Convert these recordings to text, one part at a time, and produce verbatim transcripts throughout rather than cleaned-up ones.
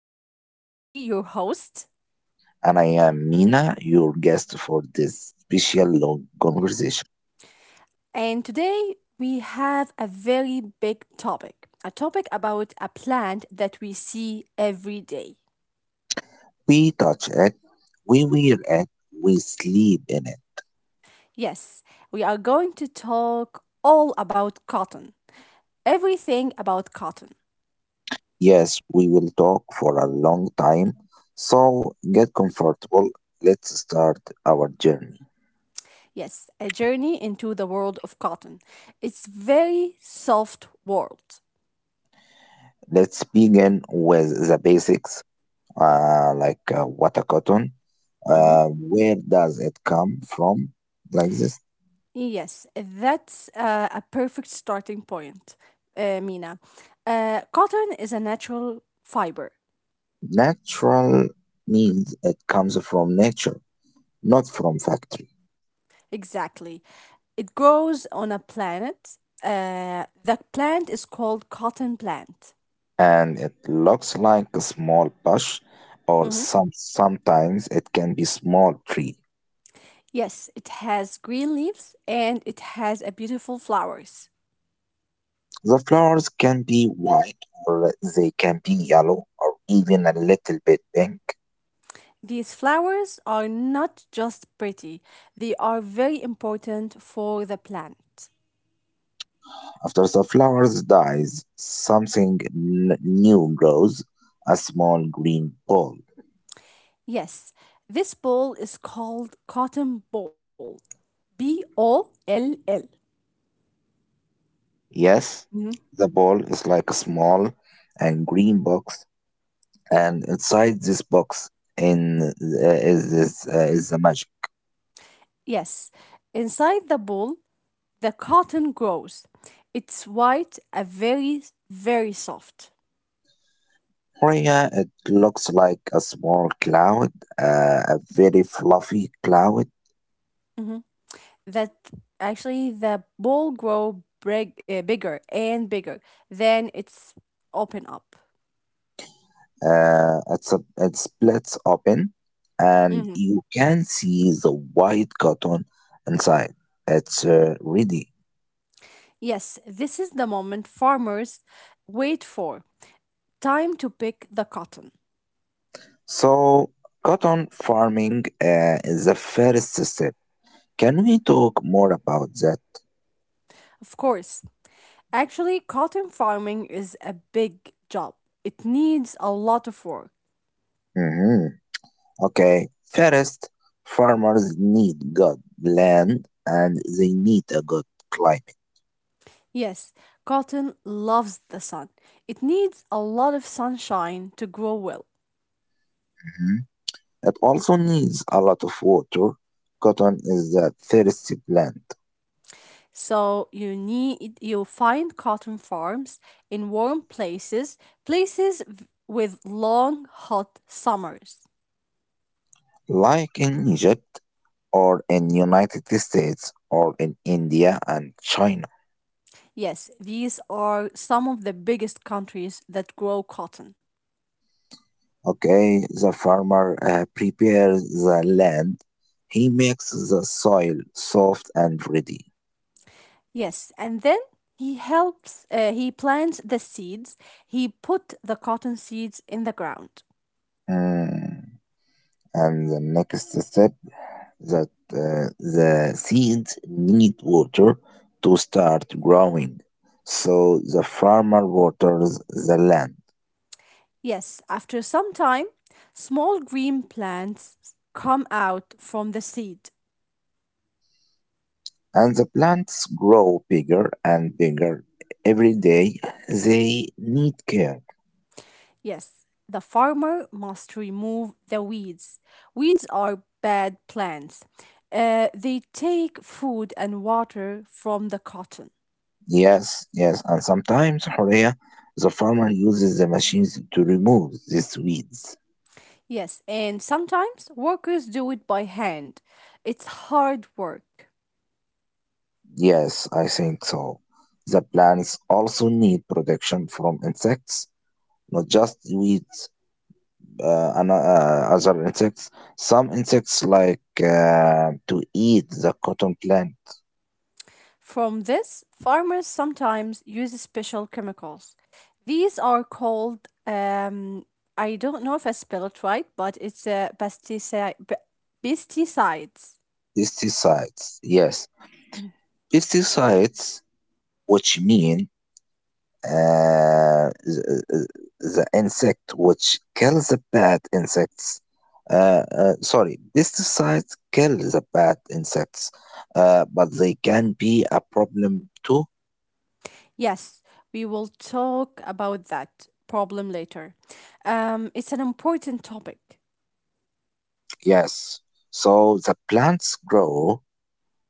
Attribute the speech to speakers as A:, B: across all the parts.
A: and I will be your host.
B: And I am Mina, your guest for this special long conversation.
A: And today we have a very big topic, a topic about a plant that we see every day.
B: We touch it, we wear it, we sleep in it.
A: Yes, we are going to talk all about cotton, everything about cotton.
B: Yes, we will talk for a long time. So get comfortable. Let's start our journey.
A: Yes, a journey into the world of cotton. It's very soft world.
B: Let's begin with the basics, uh, like uh, what a cotton.
A: Mhm.
B: Uh, where does it come from? Like this.
A: Yes, that's uh, a perfect starting point, uh, Mina. Uh, cotton is a natural fiber.
B: Natural means it comes from nature, not from factory.
A: Exactly. It grows on a planet. Uh, the plant is called cotton plant.
B: And it looks like a small bush or
A: Mhm.
B: some sometimes it can be small tree.
A: Yes, it has green leaves and it has a beautiful flowers.
B: The flowers can be white or they can be yellow or even a little bit pink.
A: These flowers are not just pretty, they are very important for the plant.
B: After the flowers dies, something n- new grows, a small green ball.
A: Yes, this ball is called cotton ball, B O L L.
B: Yes,
A: Mhm.
B: the ball is like a small and green box, and inside this box in uh, is is, uh, is the magic.
A: Yes, inside the ball, the cotton grows. It's white, a very, very soft.
B: Maria, it looks like a small cloud, uh, a very fluffy cloud.
A: That actually the ball grow big, uh, bigger and bigger. Then it's open up.
B: Uh, it's a, it splits open, and
A: Mhm.
B: you can see the white cotton inside. It's uh, ready.
A: Yes, this is the moment farmers wait for. Time to pick the cotton.
B: So, cotton farming uh, is the first step. Can we talk more about that?
A: Of course. Actually, cotton farming is a big job. It needs a lot of work.
B: Mhm. Okay, first, farmers need good land, and they need a good climate.
A: Yes, cotton loves the sun. It needs a lot of sunshine to grow well.
B: hmm It also needs a lot of water. Cotton is a thirsty plant,
A: So you need you find cotton farms in warm places, places v- with long hot summers.
B: like in Egypt or in United States or in India and China.
A: Yes, these are some of the biggest countries that grow cotton.
B: Okay, the farmer uh, prepares the land. He makes the soil soft and ready.
A: Yes, and then he helps uh, he plants the seeds. He put the cotton seeds in the ground.
B: Mm. And the next step that uh, the seeds need water to start growing. So the farmer waters the land,
A: Yes, after some time, small green plants come out from the seed.
B: and the plants grow bigger and bigger. Every day they need care.
A: Yes, the farmer must remove the weeds. Weeds are bad plants. Uh, they take food and water from the cotton.
B: Yes, yes, and sometimes, Horea, the farmer uses the machines to remove these weeds.
A: Yes, and sometimes workers do it by hand. It's hard work.
B: Yes, I think so. The plants also need protection from insects, not just weeds. Uh, ano- uh, other insects. Some insects like uh, to eat the cotton plant.
A: From this, farmers sometimes use special chemicals. These are called, um, I don't know if I spell it right, but it's a pesticide, pesticides.
B: Pesticides, yes, pesticides, which mean uh, the, uh, the insect which kills the bad insects. Uh, uh, sorry, pesticides kill the bad insects, uh, but they can be a problem too.
A: Yes, we will talk about that problem later. Um, it's an important topic.
B: Yes, so the plants grow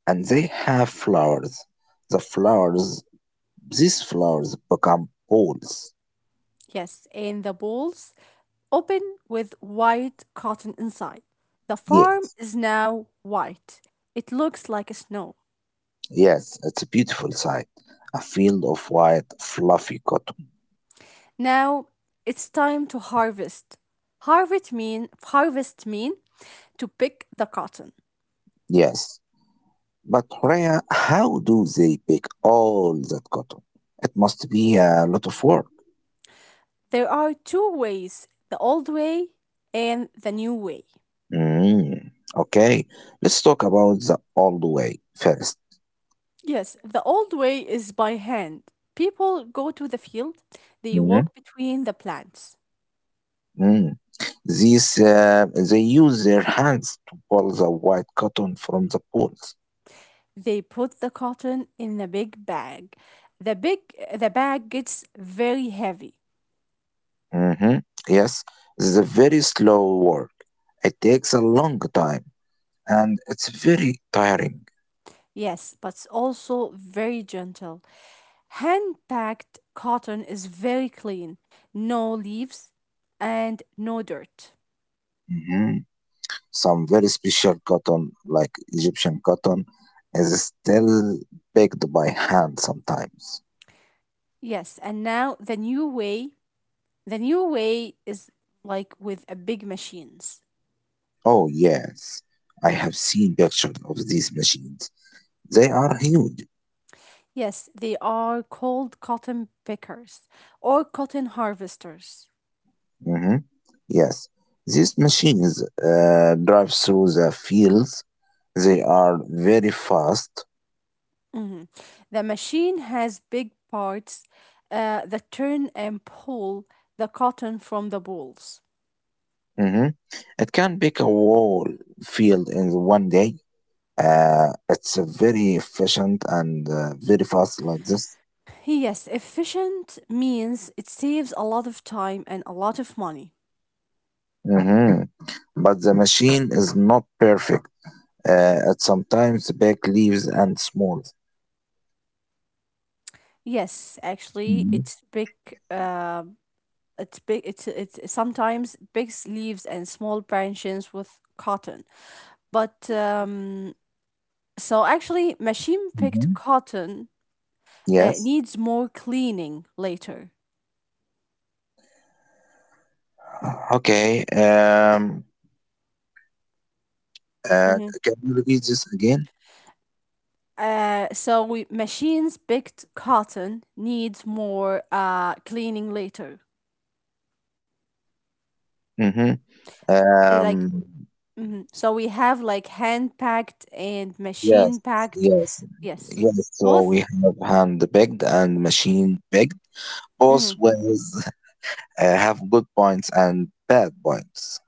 B: and they have flowers the flowers These flowers become balls.
A: Yes, and the balls open with white cotton inside. The
B: Yeah,
A: farm is now white. It looks like snow.
B: yes, it's a beautiful sight. A field of white, fluffy cotton.
A: Now it's time to harvest. Harvest mean harvest mean to pick the cotton.
B: Yes. But Rhea, how do they pick all that cotton? It must be a lot of work.
A: There are two ways, the old way and the new way.
B: Mm. Okay, let's talk about the old way first.
A: Yes, the old way is by hand. People go to the field, they
B: Hmm.
A: walk between the plants.
B: Mm. These, uh, they use their hands to pull the white cotton from the poles.
A: They put the cotton in a big bag. The big the bag gets very heavy.
B: hmm Yes, it's a very slow work. It takes a long time, and it's very tiring.
A: Yes, but it's also very gentle. Hand packed cotton is very clean, no leaves and no dirt.
B: Mhm. Some very special cotton, like Egyptian cotton, is still picked by hand sometimes.
A: Yes, and now the new way, the new way is like with a big machines.
B: Oh, yes, I have seen pictures of these machines. They are huge.
A: Yes, they are called cotton pickers or cotton harvesters.
B: Mhm. Yes, these machines uh, drive through the fields. They are very fast.
A: Mhm. The machine has big parts uh, that turn and pull the cotton from the balls.
B: Mhm. It can pick a whole field in one day. Uh, it's a very efficient and uh, very fast like this.
A: Yes, efficient means it saves a lot of time and a lot of money.
B: Mhm. But the machine is not perfect. Uh, it sometimes back leaves and smooth.
A: Yes, actually,
B: Mhm.
A: it's big. Uh, it's big. It's it's sometimes big leaves and small branches with cotton. But um, so actually, machine picked
B: Mhm.
A: cotton uh,
B: Yes.
A: needs more cleaning later.
B: Okay. Um, uh,
A: Hmm.
B: can you repeat this again?
A: Uh, so we, machines picked cotton needs more uh cleaning later.
B: hmm
A: They, Like
B: Um,
A: hmm, so we have like hand packed and
B: yes.
A: machine packed.
B: Yes.
A: Yes,
B: Yes. So
A: both.
B: we have hand picked and machine picked. Both
A: Mhm.
B: ways uh, have good points and bad points.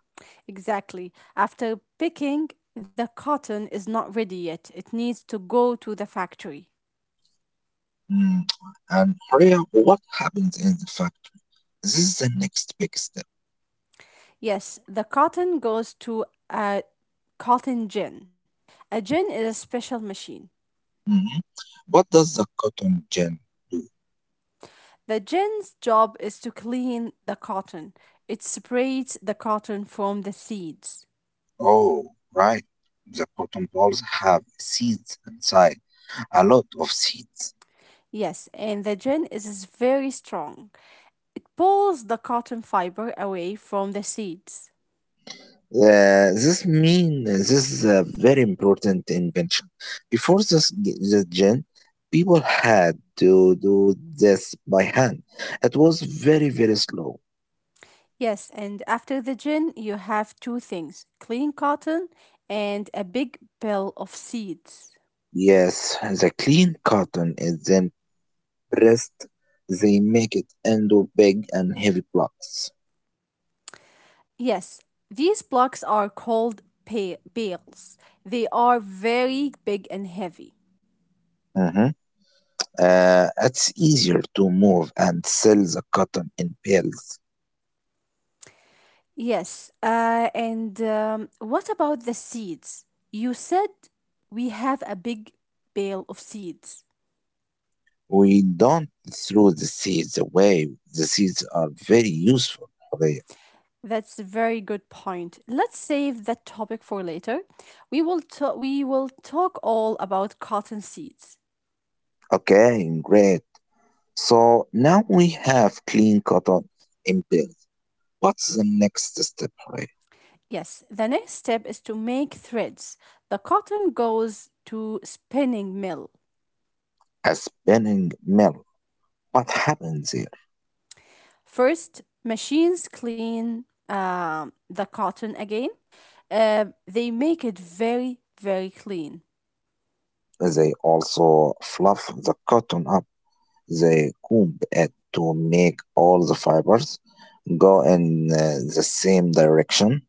A: Exactly. After picking, the cotton is not ready yet. It needs to go to the factory.
B: Mm. And Horia, what happens in the factory? This is the next big step.
A: Yes, the cotton goes to a cotton gin. A gin is a special machine.
B: Mhm. What does the cotton gin do?
A: The gin's job is to clean the cotton. It separates the cotton from the seeds.
B: Oh, right. The cotton balls have seeds inside, a lot of seeds.
A: Yes, and the gin is very strong. Pulls the cotton fiber away from the seeds.
B: Uh, this means this is a very important invention. Before this, the gin, people had to do this by hand. It was very, very slow.
A: Yes, and after the gin, you have two things, clean cotton and a big bale of seeds.
B: Yes, the clean cotton is then breast, they make it into big and heavy blocks.
A: Yes, these blocks are called pa- bales. They are very big and heavy.
B: Mhm. Uh, it's easier to move and sell the cotton in bales.
A: Yes, uh, and um, what about the seeds? You said we have a big bale of seeds.
B: We don't throw the seeds away. The seeds are very useful, Hurray.
A: That's a very good point. Let's save that topic for later. We will ta- we will talk all about cotton seeds.
B: Okay, great. So now we have clean cotton in bales. What's the next step, Hurray?
A: Yes, the next step is to make threads. The cotton goes to spinning mill.
B: A spinning mill. What happens here?
A: First, machines clean um, the cotton again. Uh, they make it very very clean.
B: They also fluff the cotton up. They comb it to make all the fibers go in uh, the same direction.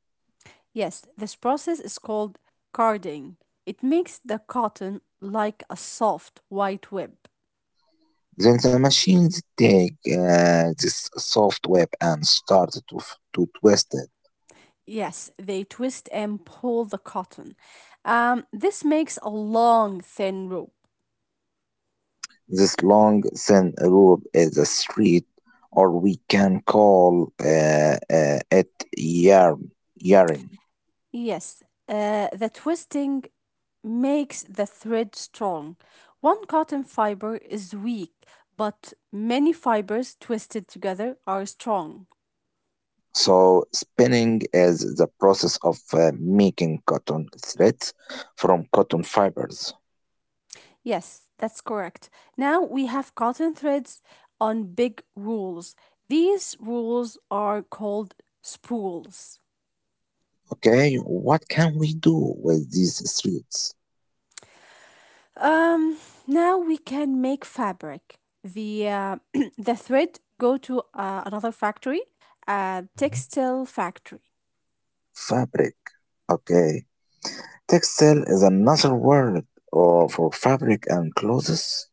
A: Yes, this process is called carding. It makes the cotton like a soft white web.
B: Then the machines take uh, this soft web and start to, f- to twist it.
A: Yes, they twist and pull the cotton. Um, this makes a long, thin rope.
B: This long, thin rope is a thread, or we can call uh, uh, it yarn. yarn.
A: Yes, uh, the twisting makes the thread strong. One cotton fiber is weak, but many fibers twisted together are strong.
B: So, spinning is the process of uh, making cotton threads from cotton fibers.
A: Yes, that's correct. Now we have cotton threads on big rules. These rules are called spools.
B: Okay, what can we do with these streets?
A: Um, Now we can make fabric. The uh, the thread go to uh, another factory, uh, textile factory.
B: Fabric. Okay, textile is another word uh, for fabric and clothes.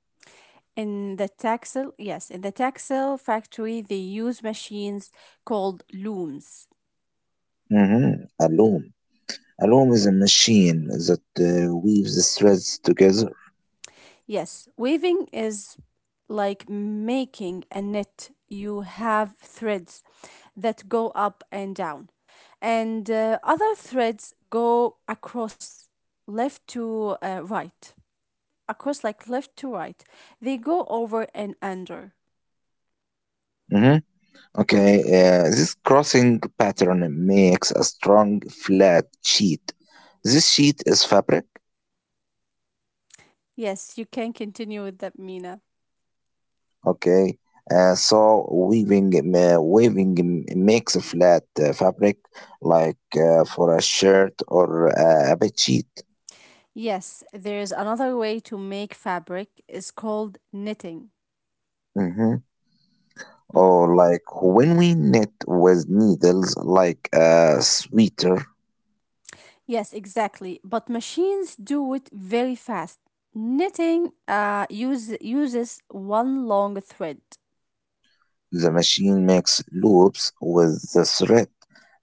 A: In the textile, yes, in the textile factory, they use machines called looms.
B: Mm-hmm. A loom. A loom is a machine that uh, weaves threads together.
A: Yes, weaving is like making a net. You have threads that go up and down, and uh, other threads go across left to uh, right. across like left to right. They go over and under.
B: Mm-hmm. Okay, uh, this crossing pattern makes a strong flat sheet. This sheet is fabric.
A: Yes, you can continue with that, Mina.
B: Okay. Uh, so weaving ma- weaving m- makes a flat uh, fabric, like uh, for a shirt or uh, a bed sheet.
A: Yes, there's another way to make fabric. It's called knitting.
B: hmm
A: Mhm.
B: Or like when we knit with needles, like a sweater,
A: Yes, exactly. But machines do it very fast. Knitting uh, use, uses one long thread.
B: the machine makes loops with the thread.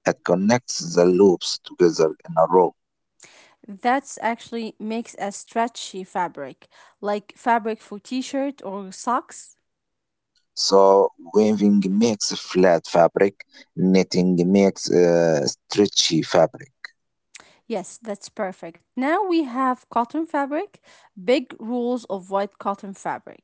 B: It connects the loops together in a row.
A: That's actually makes a stretchy fabric, like fabric for t-shirt or socks.
B: So weaving makes flat fabric, knitting makes uh, stretchy fabric.
A: Yes, that's perfect. Now we have cotton fabric, big rolls of white cotton fabric.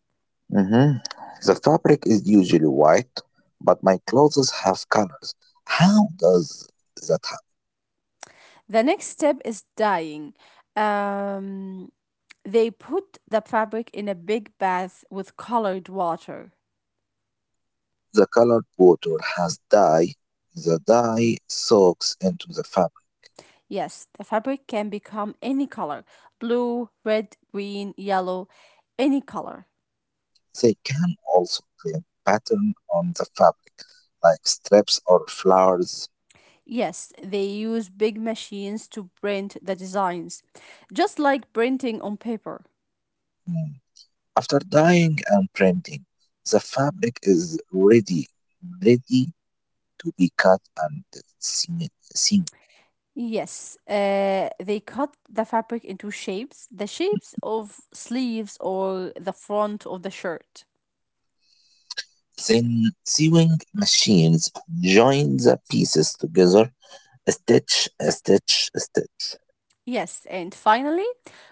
B: Mhm. The fabric is usually white, but my clothes have colors. How does that ha-
A: The next step is dyeing. Um, they put the fabric in a big bath with colored water.
B: the colored water has dye? The dye soaks into the fabric.
A: Yes, the fabric can become any color, blue, red, green, yellow, any color.
B: They can also claim pattern on the fabric, like strips or flowers.
A: Yes, they use big machines to print the designs, just like printing on paper.
B: Mm. After dyeing and printing, the fabric is ready, ready to be cut and seam.
A: Yes, uh, they cut the fabric into shapes, the shapes of sleeves or the front of the shirt.
B: Then sewing machines join the pieces together, a stitch, a stitch, a stitch.
A: Yes, and finally,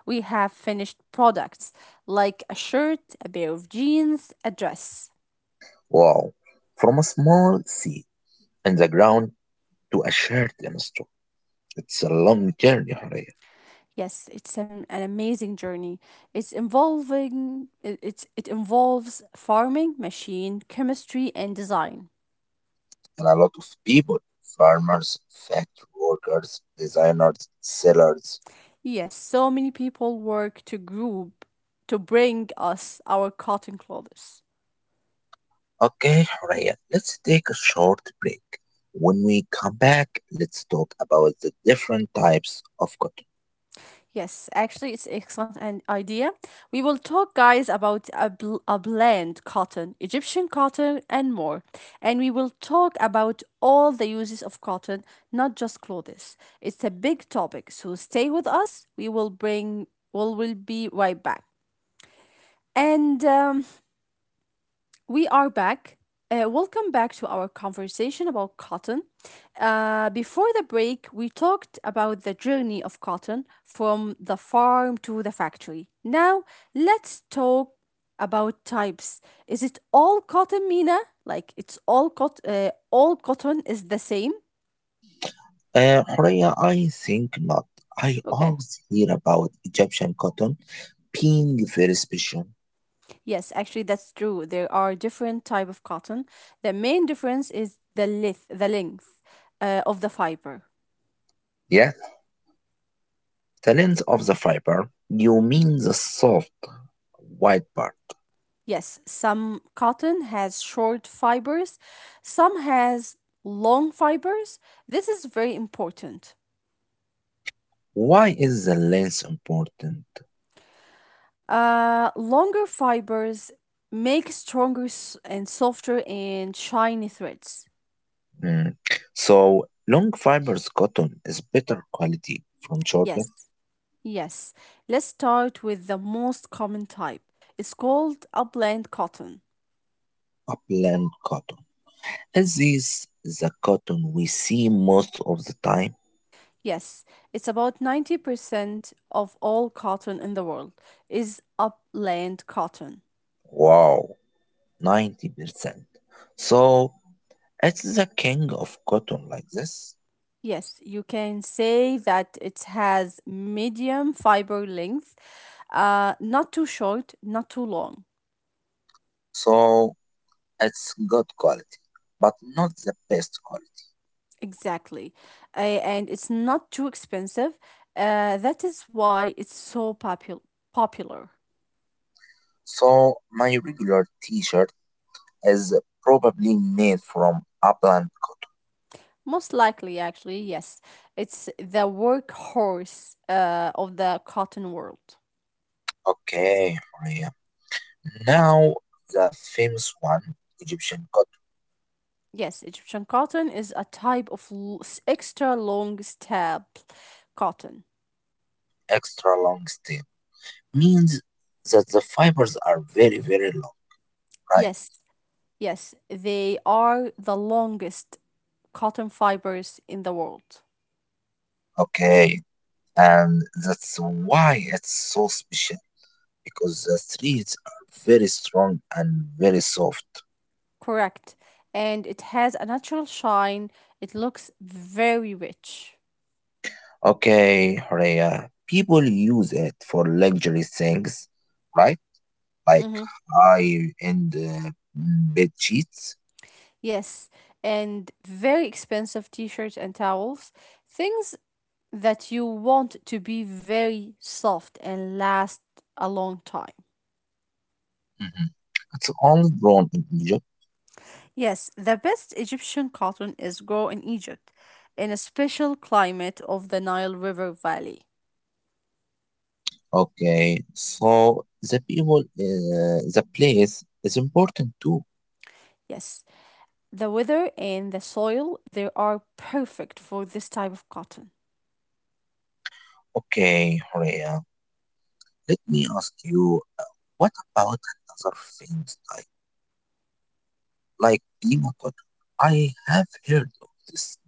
A: we have finished products like a shirt, a pair of jeans, a dress.
B: Wow. From a small seed in the ground to a shirt in a store. It's a long journey, Horea.
A: Yes, it's an, an amazing journey. It's involving it, it's it involves farming, machine, chemistry, and design.
B: And a lot of people, farmers, factory workers, designers, sellers.
A: Yes, so many people work to group to bring us our cotton clothes.
B: Okay, Horea, let's take a short break. When we come back, let's talk about the different types of cotton.
A: Yes, actually, it's excellent an idea. We will talk, guys, about a, bl- a blend cotton, Egyptian cotton, and more. And we will talk about all the uses of cotton, not just clothes. It's a big topic, so stay with us. We will bring, we will be right back. And um, we are back. Uh, welcome back to our conversation about cotton. Uh, before the break, we talked about the journey of cotton from the farm to the factory. Now, let's talk about types. Is it all cotton, Mina? Like it's all cot- uh, all cotton is the same?
B: Uh, Horea, I think not. I
A: Okay.
B: always hear about Egyptian cotton being very special.
A: Yes, actually that's true. There are different type of cotton. The main difference is the length, the length uh, of the fiber.
B: Yeah, the length of the fiber. You mean the soft, white part.
A: Yes, some cotton has short fibers, some has long fibers. This is very important.
B: Why is the length important?
A: Uh, longer fibers make stronger s- and softer and shiny threads.
B: Mm. So, long fibers cotton is better quality from shorter
A: Yes, yes. Let's start with the most common type. It's called upland cotton.
B: upland cotton. Is this the cotton we see most of the time?
A: Yes, it's about ninety percent of all cotton in the world is upland cotton.
B: Wow, ninety percent. So, it's the king of cotton like this.
A: Yes, you can say that it has medium fiber length, uh, not too short, not too long.
B: So it's good quality, but not the best quality.
A: Exactly. Uh, and it's not too expensive. Uh, that is why it's so popul- popular.
B: So my regular t-shirt is probably made from upland cotton.
A: Most likely, actually, yes. It's the workhorse uh, of the cotton world.
B: Okay, Maria. Now the famous one, Egyptian cotton,
A: Yes, Egyptian cotton is a type of l- s- extra long stab cotton.
B: extra long step, means that the fibers are very, very long, right?
A: Yes. Yes, they are the longest cotton fibers in the world.
B: Okay, and that's why it's so special, because the streets are very strong and very soft.
A: Correct. And it has a natural shine. It looks very rich.
B: Okay, Horea, people use it for luxury things, right? Like
A: Hmm.
B: high-end uh, bed sheets.
A: Yes, and very expensive t shirts and towels. Things that you want to be very soft and last a long time.
B: Mhm. It's only grown in Egypt.
A: Yes, the best Egyptian cotton is grown in Egypt, in a special climate of the Nile River Valley.
B: Okay, so the people, uh, the place is important too.
A: Yes, the weather and the soil they are perfect for this type of cotton.
B: Okay, Horea, let me ask you, uh, what about another things, like like Lima cotton? I have heard of this.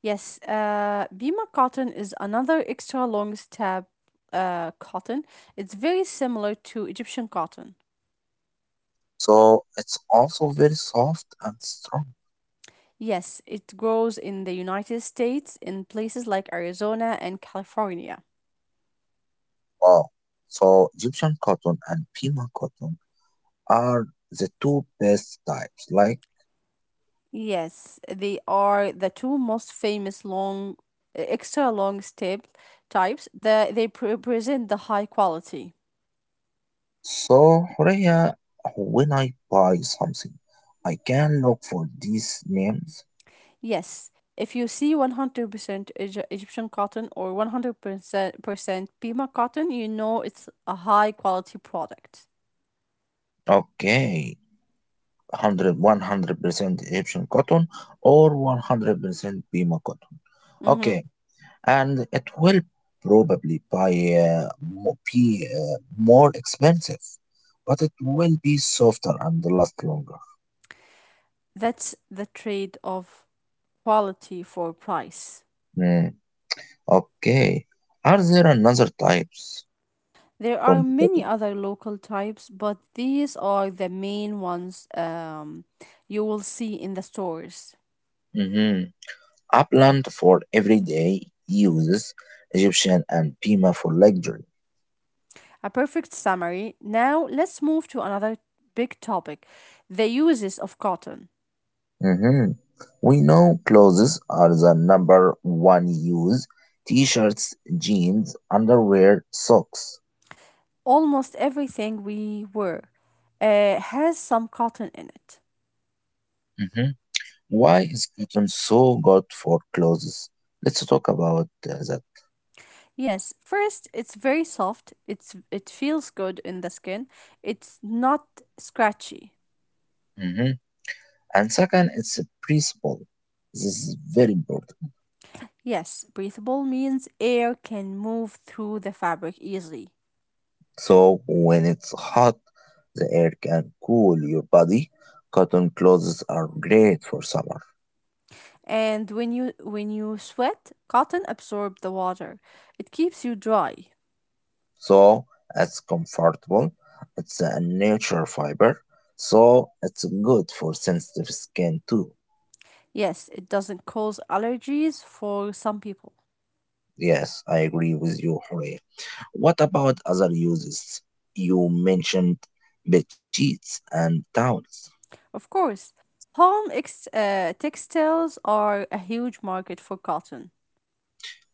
A: Yes, uh, Bima cotton is another extra long stab uh, cotton. It's very similar to Egyptian cotton.
B: So it's also very soft and strong.
A: Yes, it grows in the United States in places like Arizona and California.
B: Wow. So Egyptian cotton and Pima cotton are the two best types. Like,
A: Yes, they are the two most famous long, extra long step types that they pre- present the high quality.
B: so Horea, when I buy something, I can look for these names.
A: Yes, if you see one hundred percent Egy- Egyptian cotton or one hundred percent Pima cotton, you know it's a high quality product.
B: Okay. one hundred one hundred percent Egyptian cotton or one hundred percent Pima cotton.
A: Mhm.
B: Okay, and it will probably buy uh, mo- be uh, more expensive, but it will be softer and last longer.
A: That's the trade of quality for price.
B: Hmm, okay. Are there another types
A: There are
B: from the
A: many
B: cotton?
A: other local types, but these are the main ones um, you will see in the stores.
B: Mm-hmm. Upland for everyday uses, Egyptian and Pima for luxury.
A: A perfect summary. Now, let's move to another big topic, the uses of cotton.
B: Mm-hmm. We know clothes are the number one use. T-shirts, jeans, underwear, socks.
A: Almost everything we wear uh, has some cotton in it.
B: Mm-hmm. Why is cotton so good for clothes? Let's talk about uh, that.
A: Yes, first it's very soft. It's it feels good in the skin. It's not scratchy.
B: hmm And second, it's a principle. This is very important.
A: Yes, breathable means air can move through the fabric easily.
B: So when it's hot, the air can cool your body. Cotton clothes are great for summer.
A: And when you when you sweat, cotton absorbs the water. It keeps you dry.
B: So it's comfortable. It's a natural fiber. So it's good for sensitive skin too.
A: Yes, it doesn't cause allergies for some people.
B: Yes, I agree with you, Horea. What about other uses? You mentioned bed sheets and towels.
A: Of course, home ex- uh, textiles are a huge market for cotton.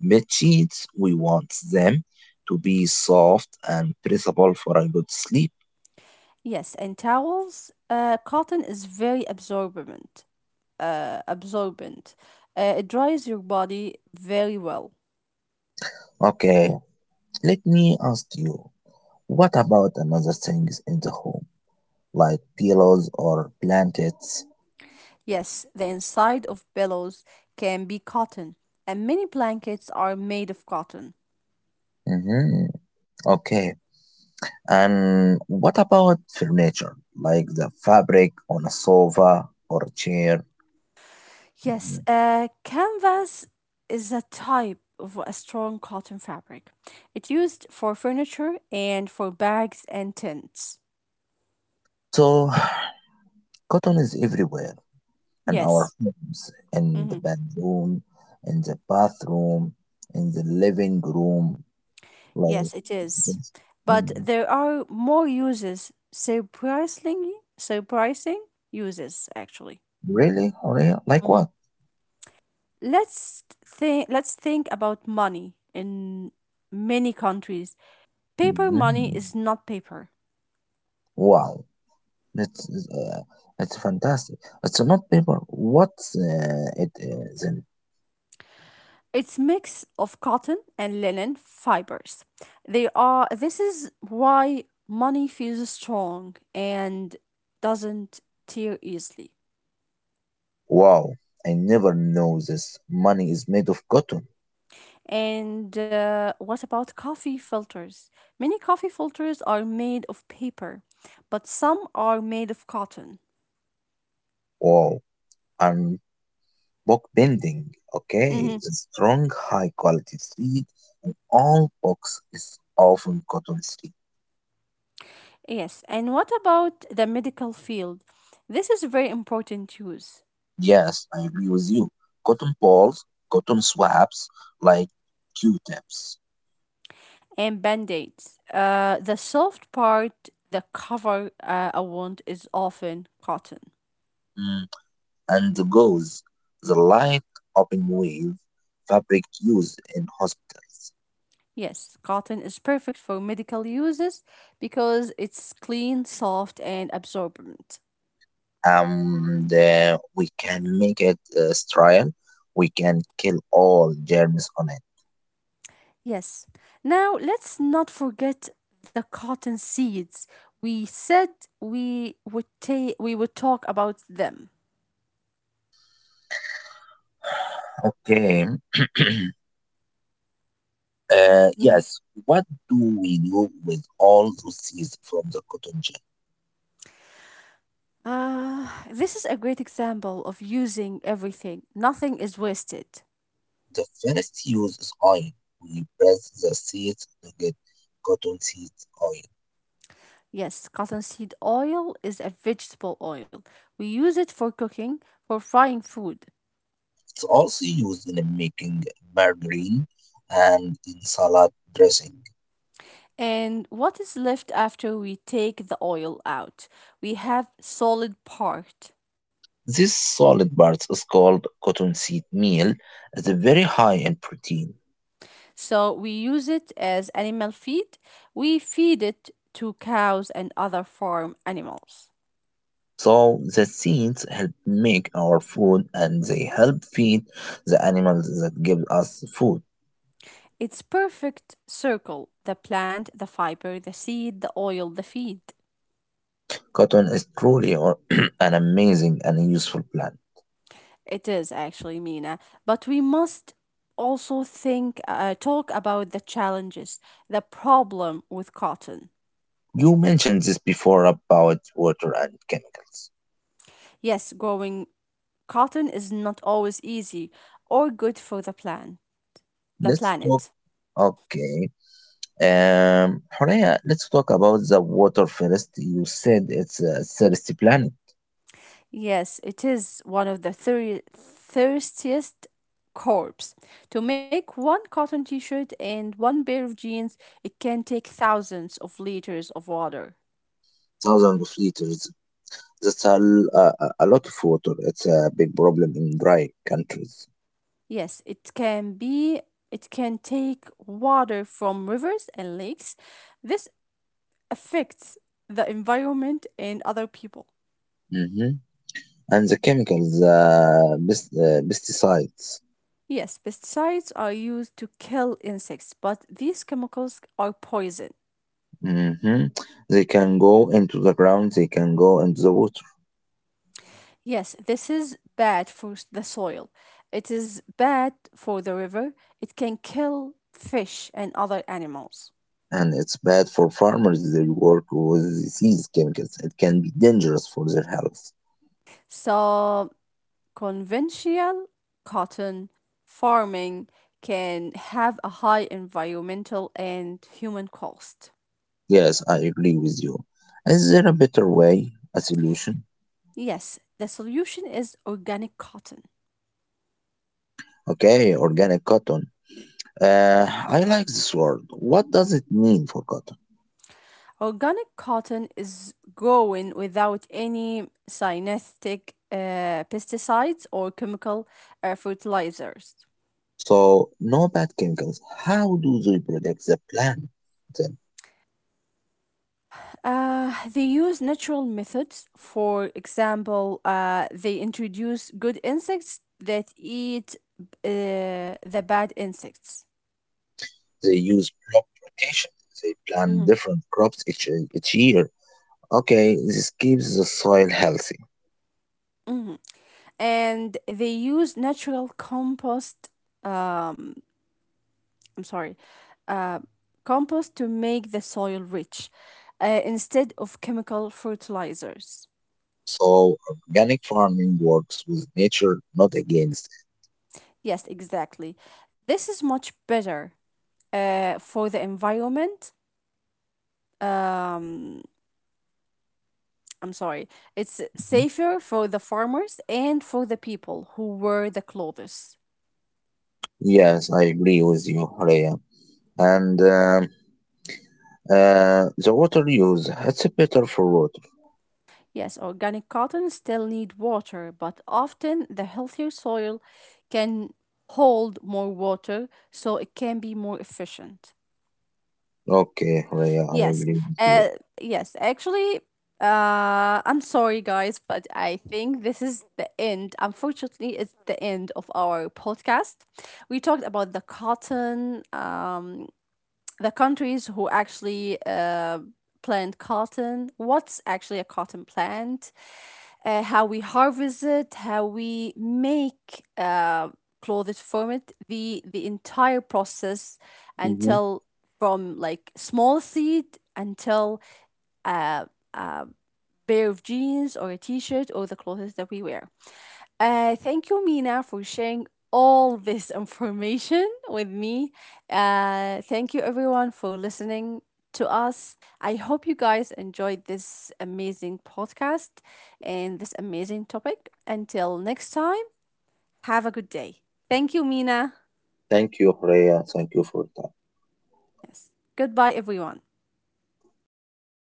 B: Bed sheets, we want them to be soft and breathable for a good sleep.
A: Yes, and towels. Uh, cotton is very absorbent. Uh, absorbent. Uh, it dries your body very well.
B: Okay, let me ask you, what about another things in the home, like pillows or blankets?
A: Yes, the inside of pillows can be cotton, and many blankets are made of cotton.
B: Mm-hmm. Okay, and what about furniture, like the fabric on a sofa or a chair?
A: Yes,
B: Mhm.
A: uh, canvas is a type of a strong cotton fabric. It's used for furniture and for bags and tents.
B: So, cotton is everywhere, in our
A: Yes.
B: homes, in the
A: Hmm.
B: bedroom, in the bathroom, in the living room, like
A: Yes, it is.
B: this.
A: But
B: Mm.
A: there are more uses, surprisingly, surprising uses actually.
B: Really? Really? Like
A: Hmm.
B: what?
A: Let's think let's think about money in many countries. Paper money
B: Mhm.
A: is not paper.
B: Wow, it's uh, it's fantastic. It's not paper. What's uh, it uh, then?
A: It's mix of cotton and linen fibers. They are This is why money feels strong and doesn't tear easily.
B: Wow, I never know this. Money is made of cotton.
A: And uh, what about coffee filters? Many coffee filters are made of paper, but some are made of cotton.
B: Wow, and book bending. Okay,
A: Mhm.
B: the strong, high quality thread in all books is often cotton thread.
A: Yes, and what about the medical field? This is very important use.
B: Yes, I agree with you. Cotton balls, cotton swabs, like Q-tips,
A: And band aids. Uh, the soft part that cover uh, a wound is often cotton.
B: mm, and the gauze, the light open wave fabric used in hospitals.
A: Yes, cotton is perfect for medical uses because it's clean, soft, and absorbent.
B: And uh, we can make it uh, sterile. We can kill all germs on it.
A: Yes. Now let's not forget the cotton seeds. We said we would ta- we would talk about them.
B: Okay. Uh,
A: Mhm.
B: yes, what do we do with all those seeds from the cotton gin?
A: Uh, this is a great example of using everything. Nothing is wasted.
B: The first use is oil. We press the seeds to get cotton seed oil.
A: Yes, cottonseed oil is a vegetable oil. We use it for cooking, for frying food.
B: It's also used in making margarine and in salad dressing.
A: And what is left after we take the oil out? We have solid part.
B: This solid part is called cottonseed meal. It's very high in protein.
A: So we use it as animal feed. We feed it to cows and other farm animals.
B: So the seeds help make our food, and they help feed the animals that give us food.
A: It's perfect circle. The plant, the fiber, the seed, the oil, the feed.
B: Cotton is truly or- an amazing and useful plant.
A: It is actually, Mina, but we must also think uh, talk about the challenges, the problem with cotton.
B: You mentioned this before about water and chemicals.
A: Yes, growing cotton is not always easy or good for the plan, the
B: Let's talk.
A: planet.
B: Okay. Um, Horea, let's talk about the water first. You said it's a thirsty planet,
A: Yes, it is one of the thir- thirstiest corps. To make one cotton t shirt and one pair of jeans, it can take thousands of liters of water.
B: thousands of liters. That's a, l- a, a- a lot of water. It's a big problem in dry countries.
A: Yes, it can be, it can take water from rivers and lakes. This affects the environment and other people.
B: hmm And the chemicals, uh, pest- uh, pesticides.
A: Yes, pesticides are used to kill insects, but these chemicals are poison.
B: hmm They can go into the ground, they can go into the water.
A: Yes, this is bad for s- the soil. It is bad for the river. It can kill fish and other animals.
B: And it's bad for farmers. They work with these chemicals. It can be dangerous for their health.
A: So, conventional cotton farming can have a high environmental and human cost.
B: Yes, I agree with you. Is there a better way, a solution?
A: Yes, the solution is organic cotton.
B: Okay, organic cotton. Uh, I like this word. What does it mean for cotton?
A: Organic cotton is grown without any synthetic uh, pesticides or chemical uh, fertilizers.
B: So, no bad chemicals. How do they protect the plant? Then
A: Uh, they use natural methods. For example, uh, they introduce good insects that eat uh, the bad insects.
B: they use crop rotation. They plant
A: Mhm,
B: different crops each, each year. Okay, this keeps the soil healthy.
A: mhm. And they use natural compost. Um, I'm sorry, uh, Compost to make the soil rich uh, instead of chemical fertilizers.
B: So organic farming works with nature, not against it.
A: Yes, exactly. This is much better uh, for the environment. Um, I'm sorry. It's
B: Mhm.
A: safer for the farmers and for the people who wear the clothes.
B: Yes, I agree with you, Rhea. And um, uh, the water use, it's better for water.
A: Yes, organic cotton still need water, but often the healthier soil can hold more water so it can be more efficient.
B: Okay, Rhea, I
A: Yes.
B: agree with you.
A: Uh yes, actually uh I'm sorry guys, but I think this is the end. Unfortunately, it's the end of our podcast. We talked about the cotton um the countries who actually uh, plant cotton, what's actually a cotton plant, uh, how we harvest it, how we make uh, clothes from it, the the entire process
B: Mhm.
A: until from like small seed until uh, a pair of jeans or a t-shirt or the clothes that we wear. Uh, thank you, Mina, for sharing all this information with me. Uh, thank you, everyone, for listening to us. I hope you guys enjoyed this amazing podcast and this amazing topic. Until next time, have a good day. Thank you, Mina.
B: Thank you, Rhea. Thank you for
A: Yes. Goodbye, everyone.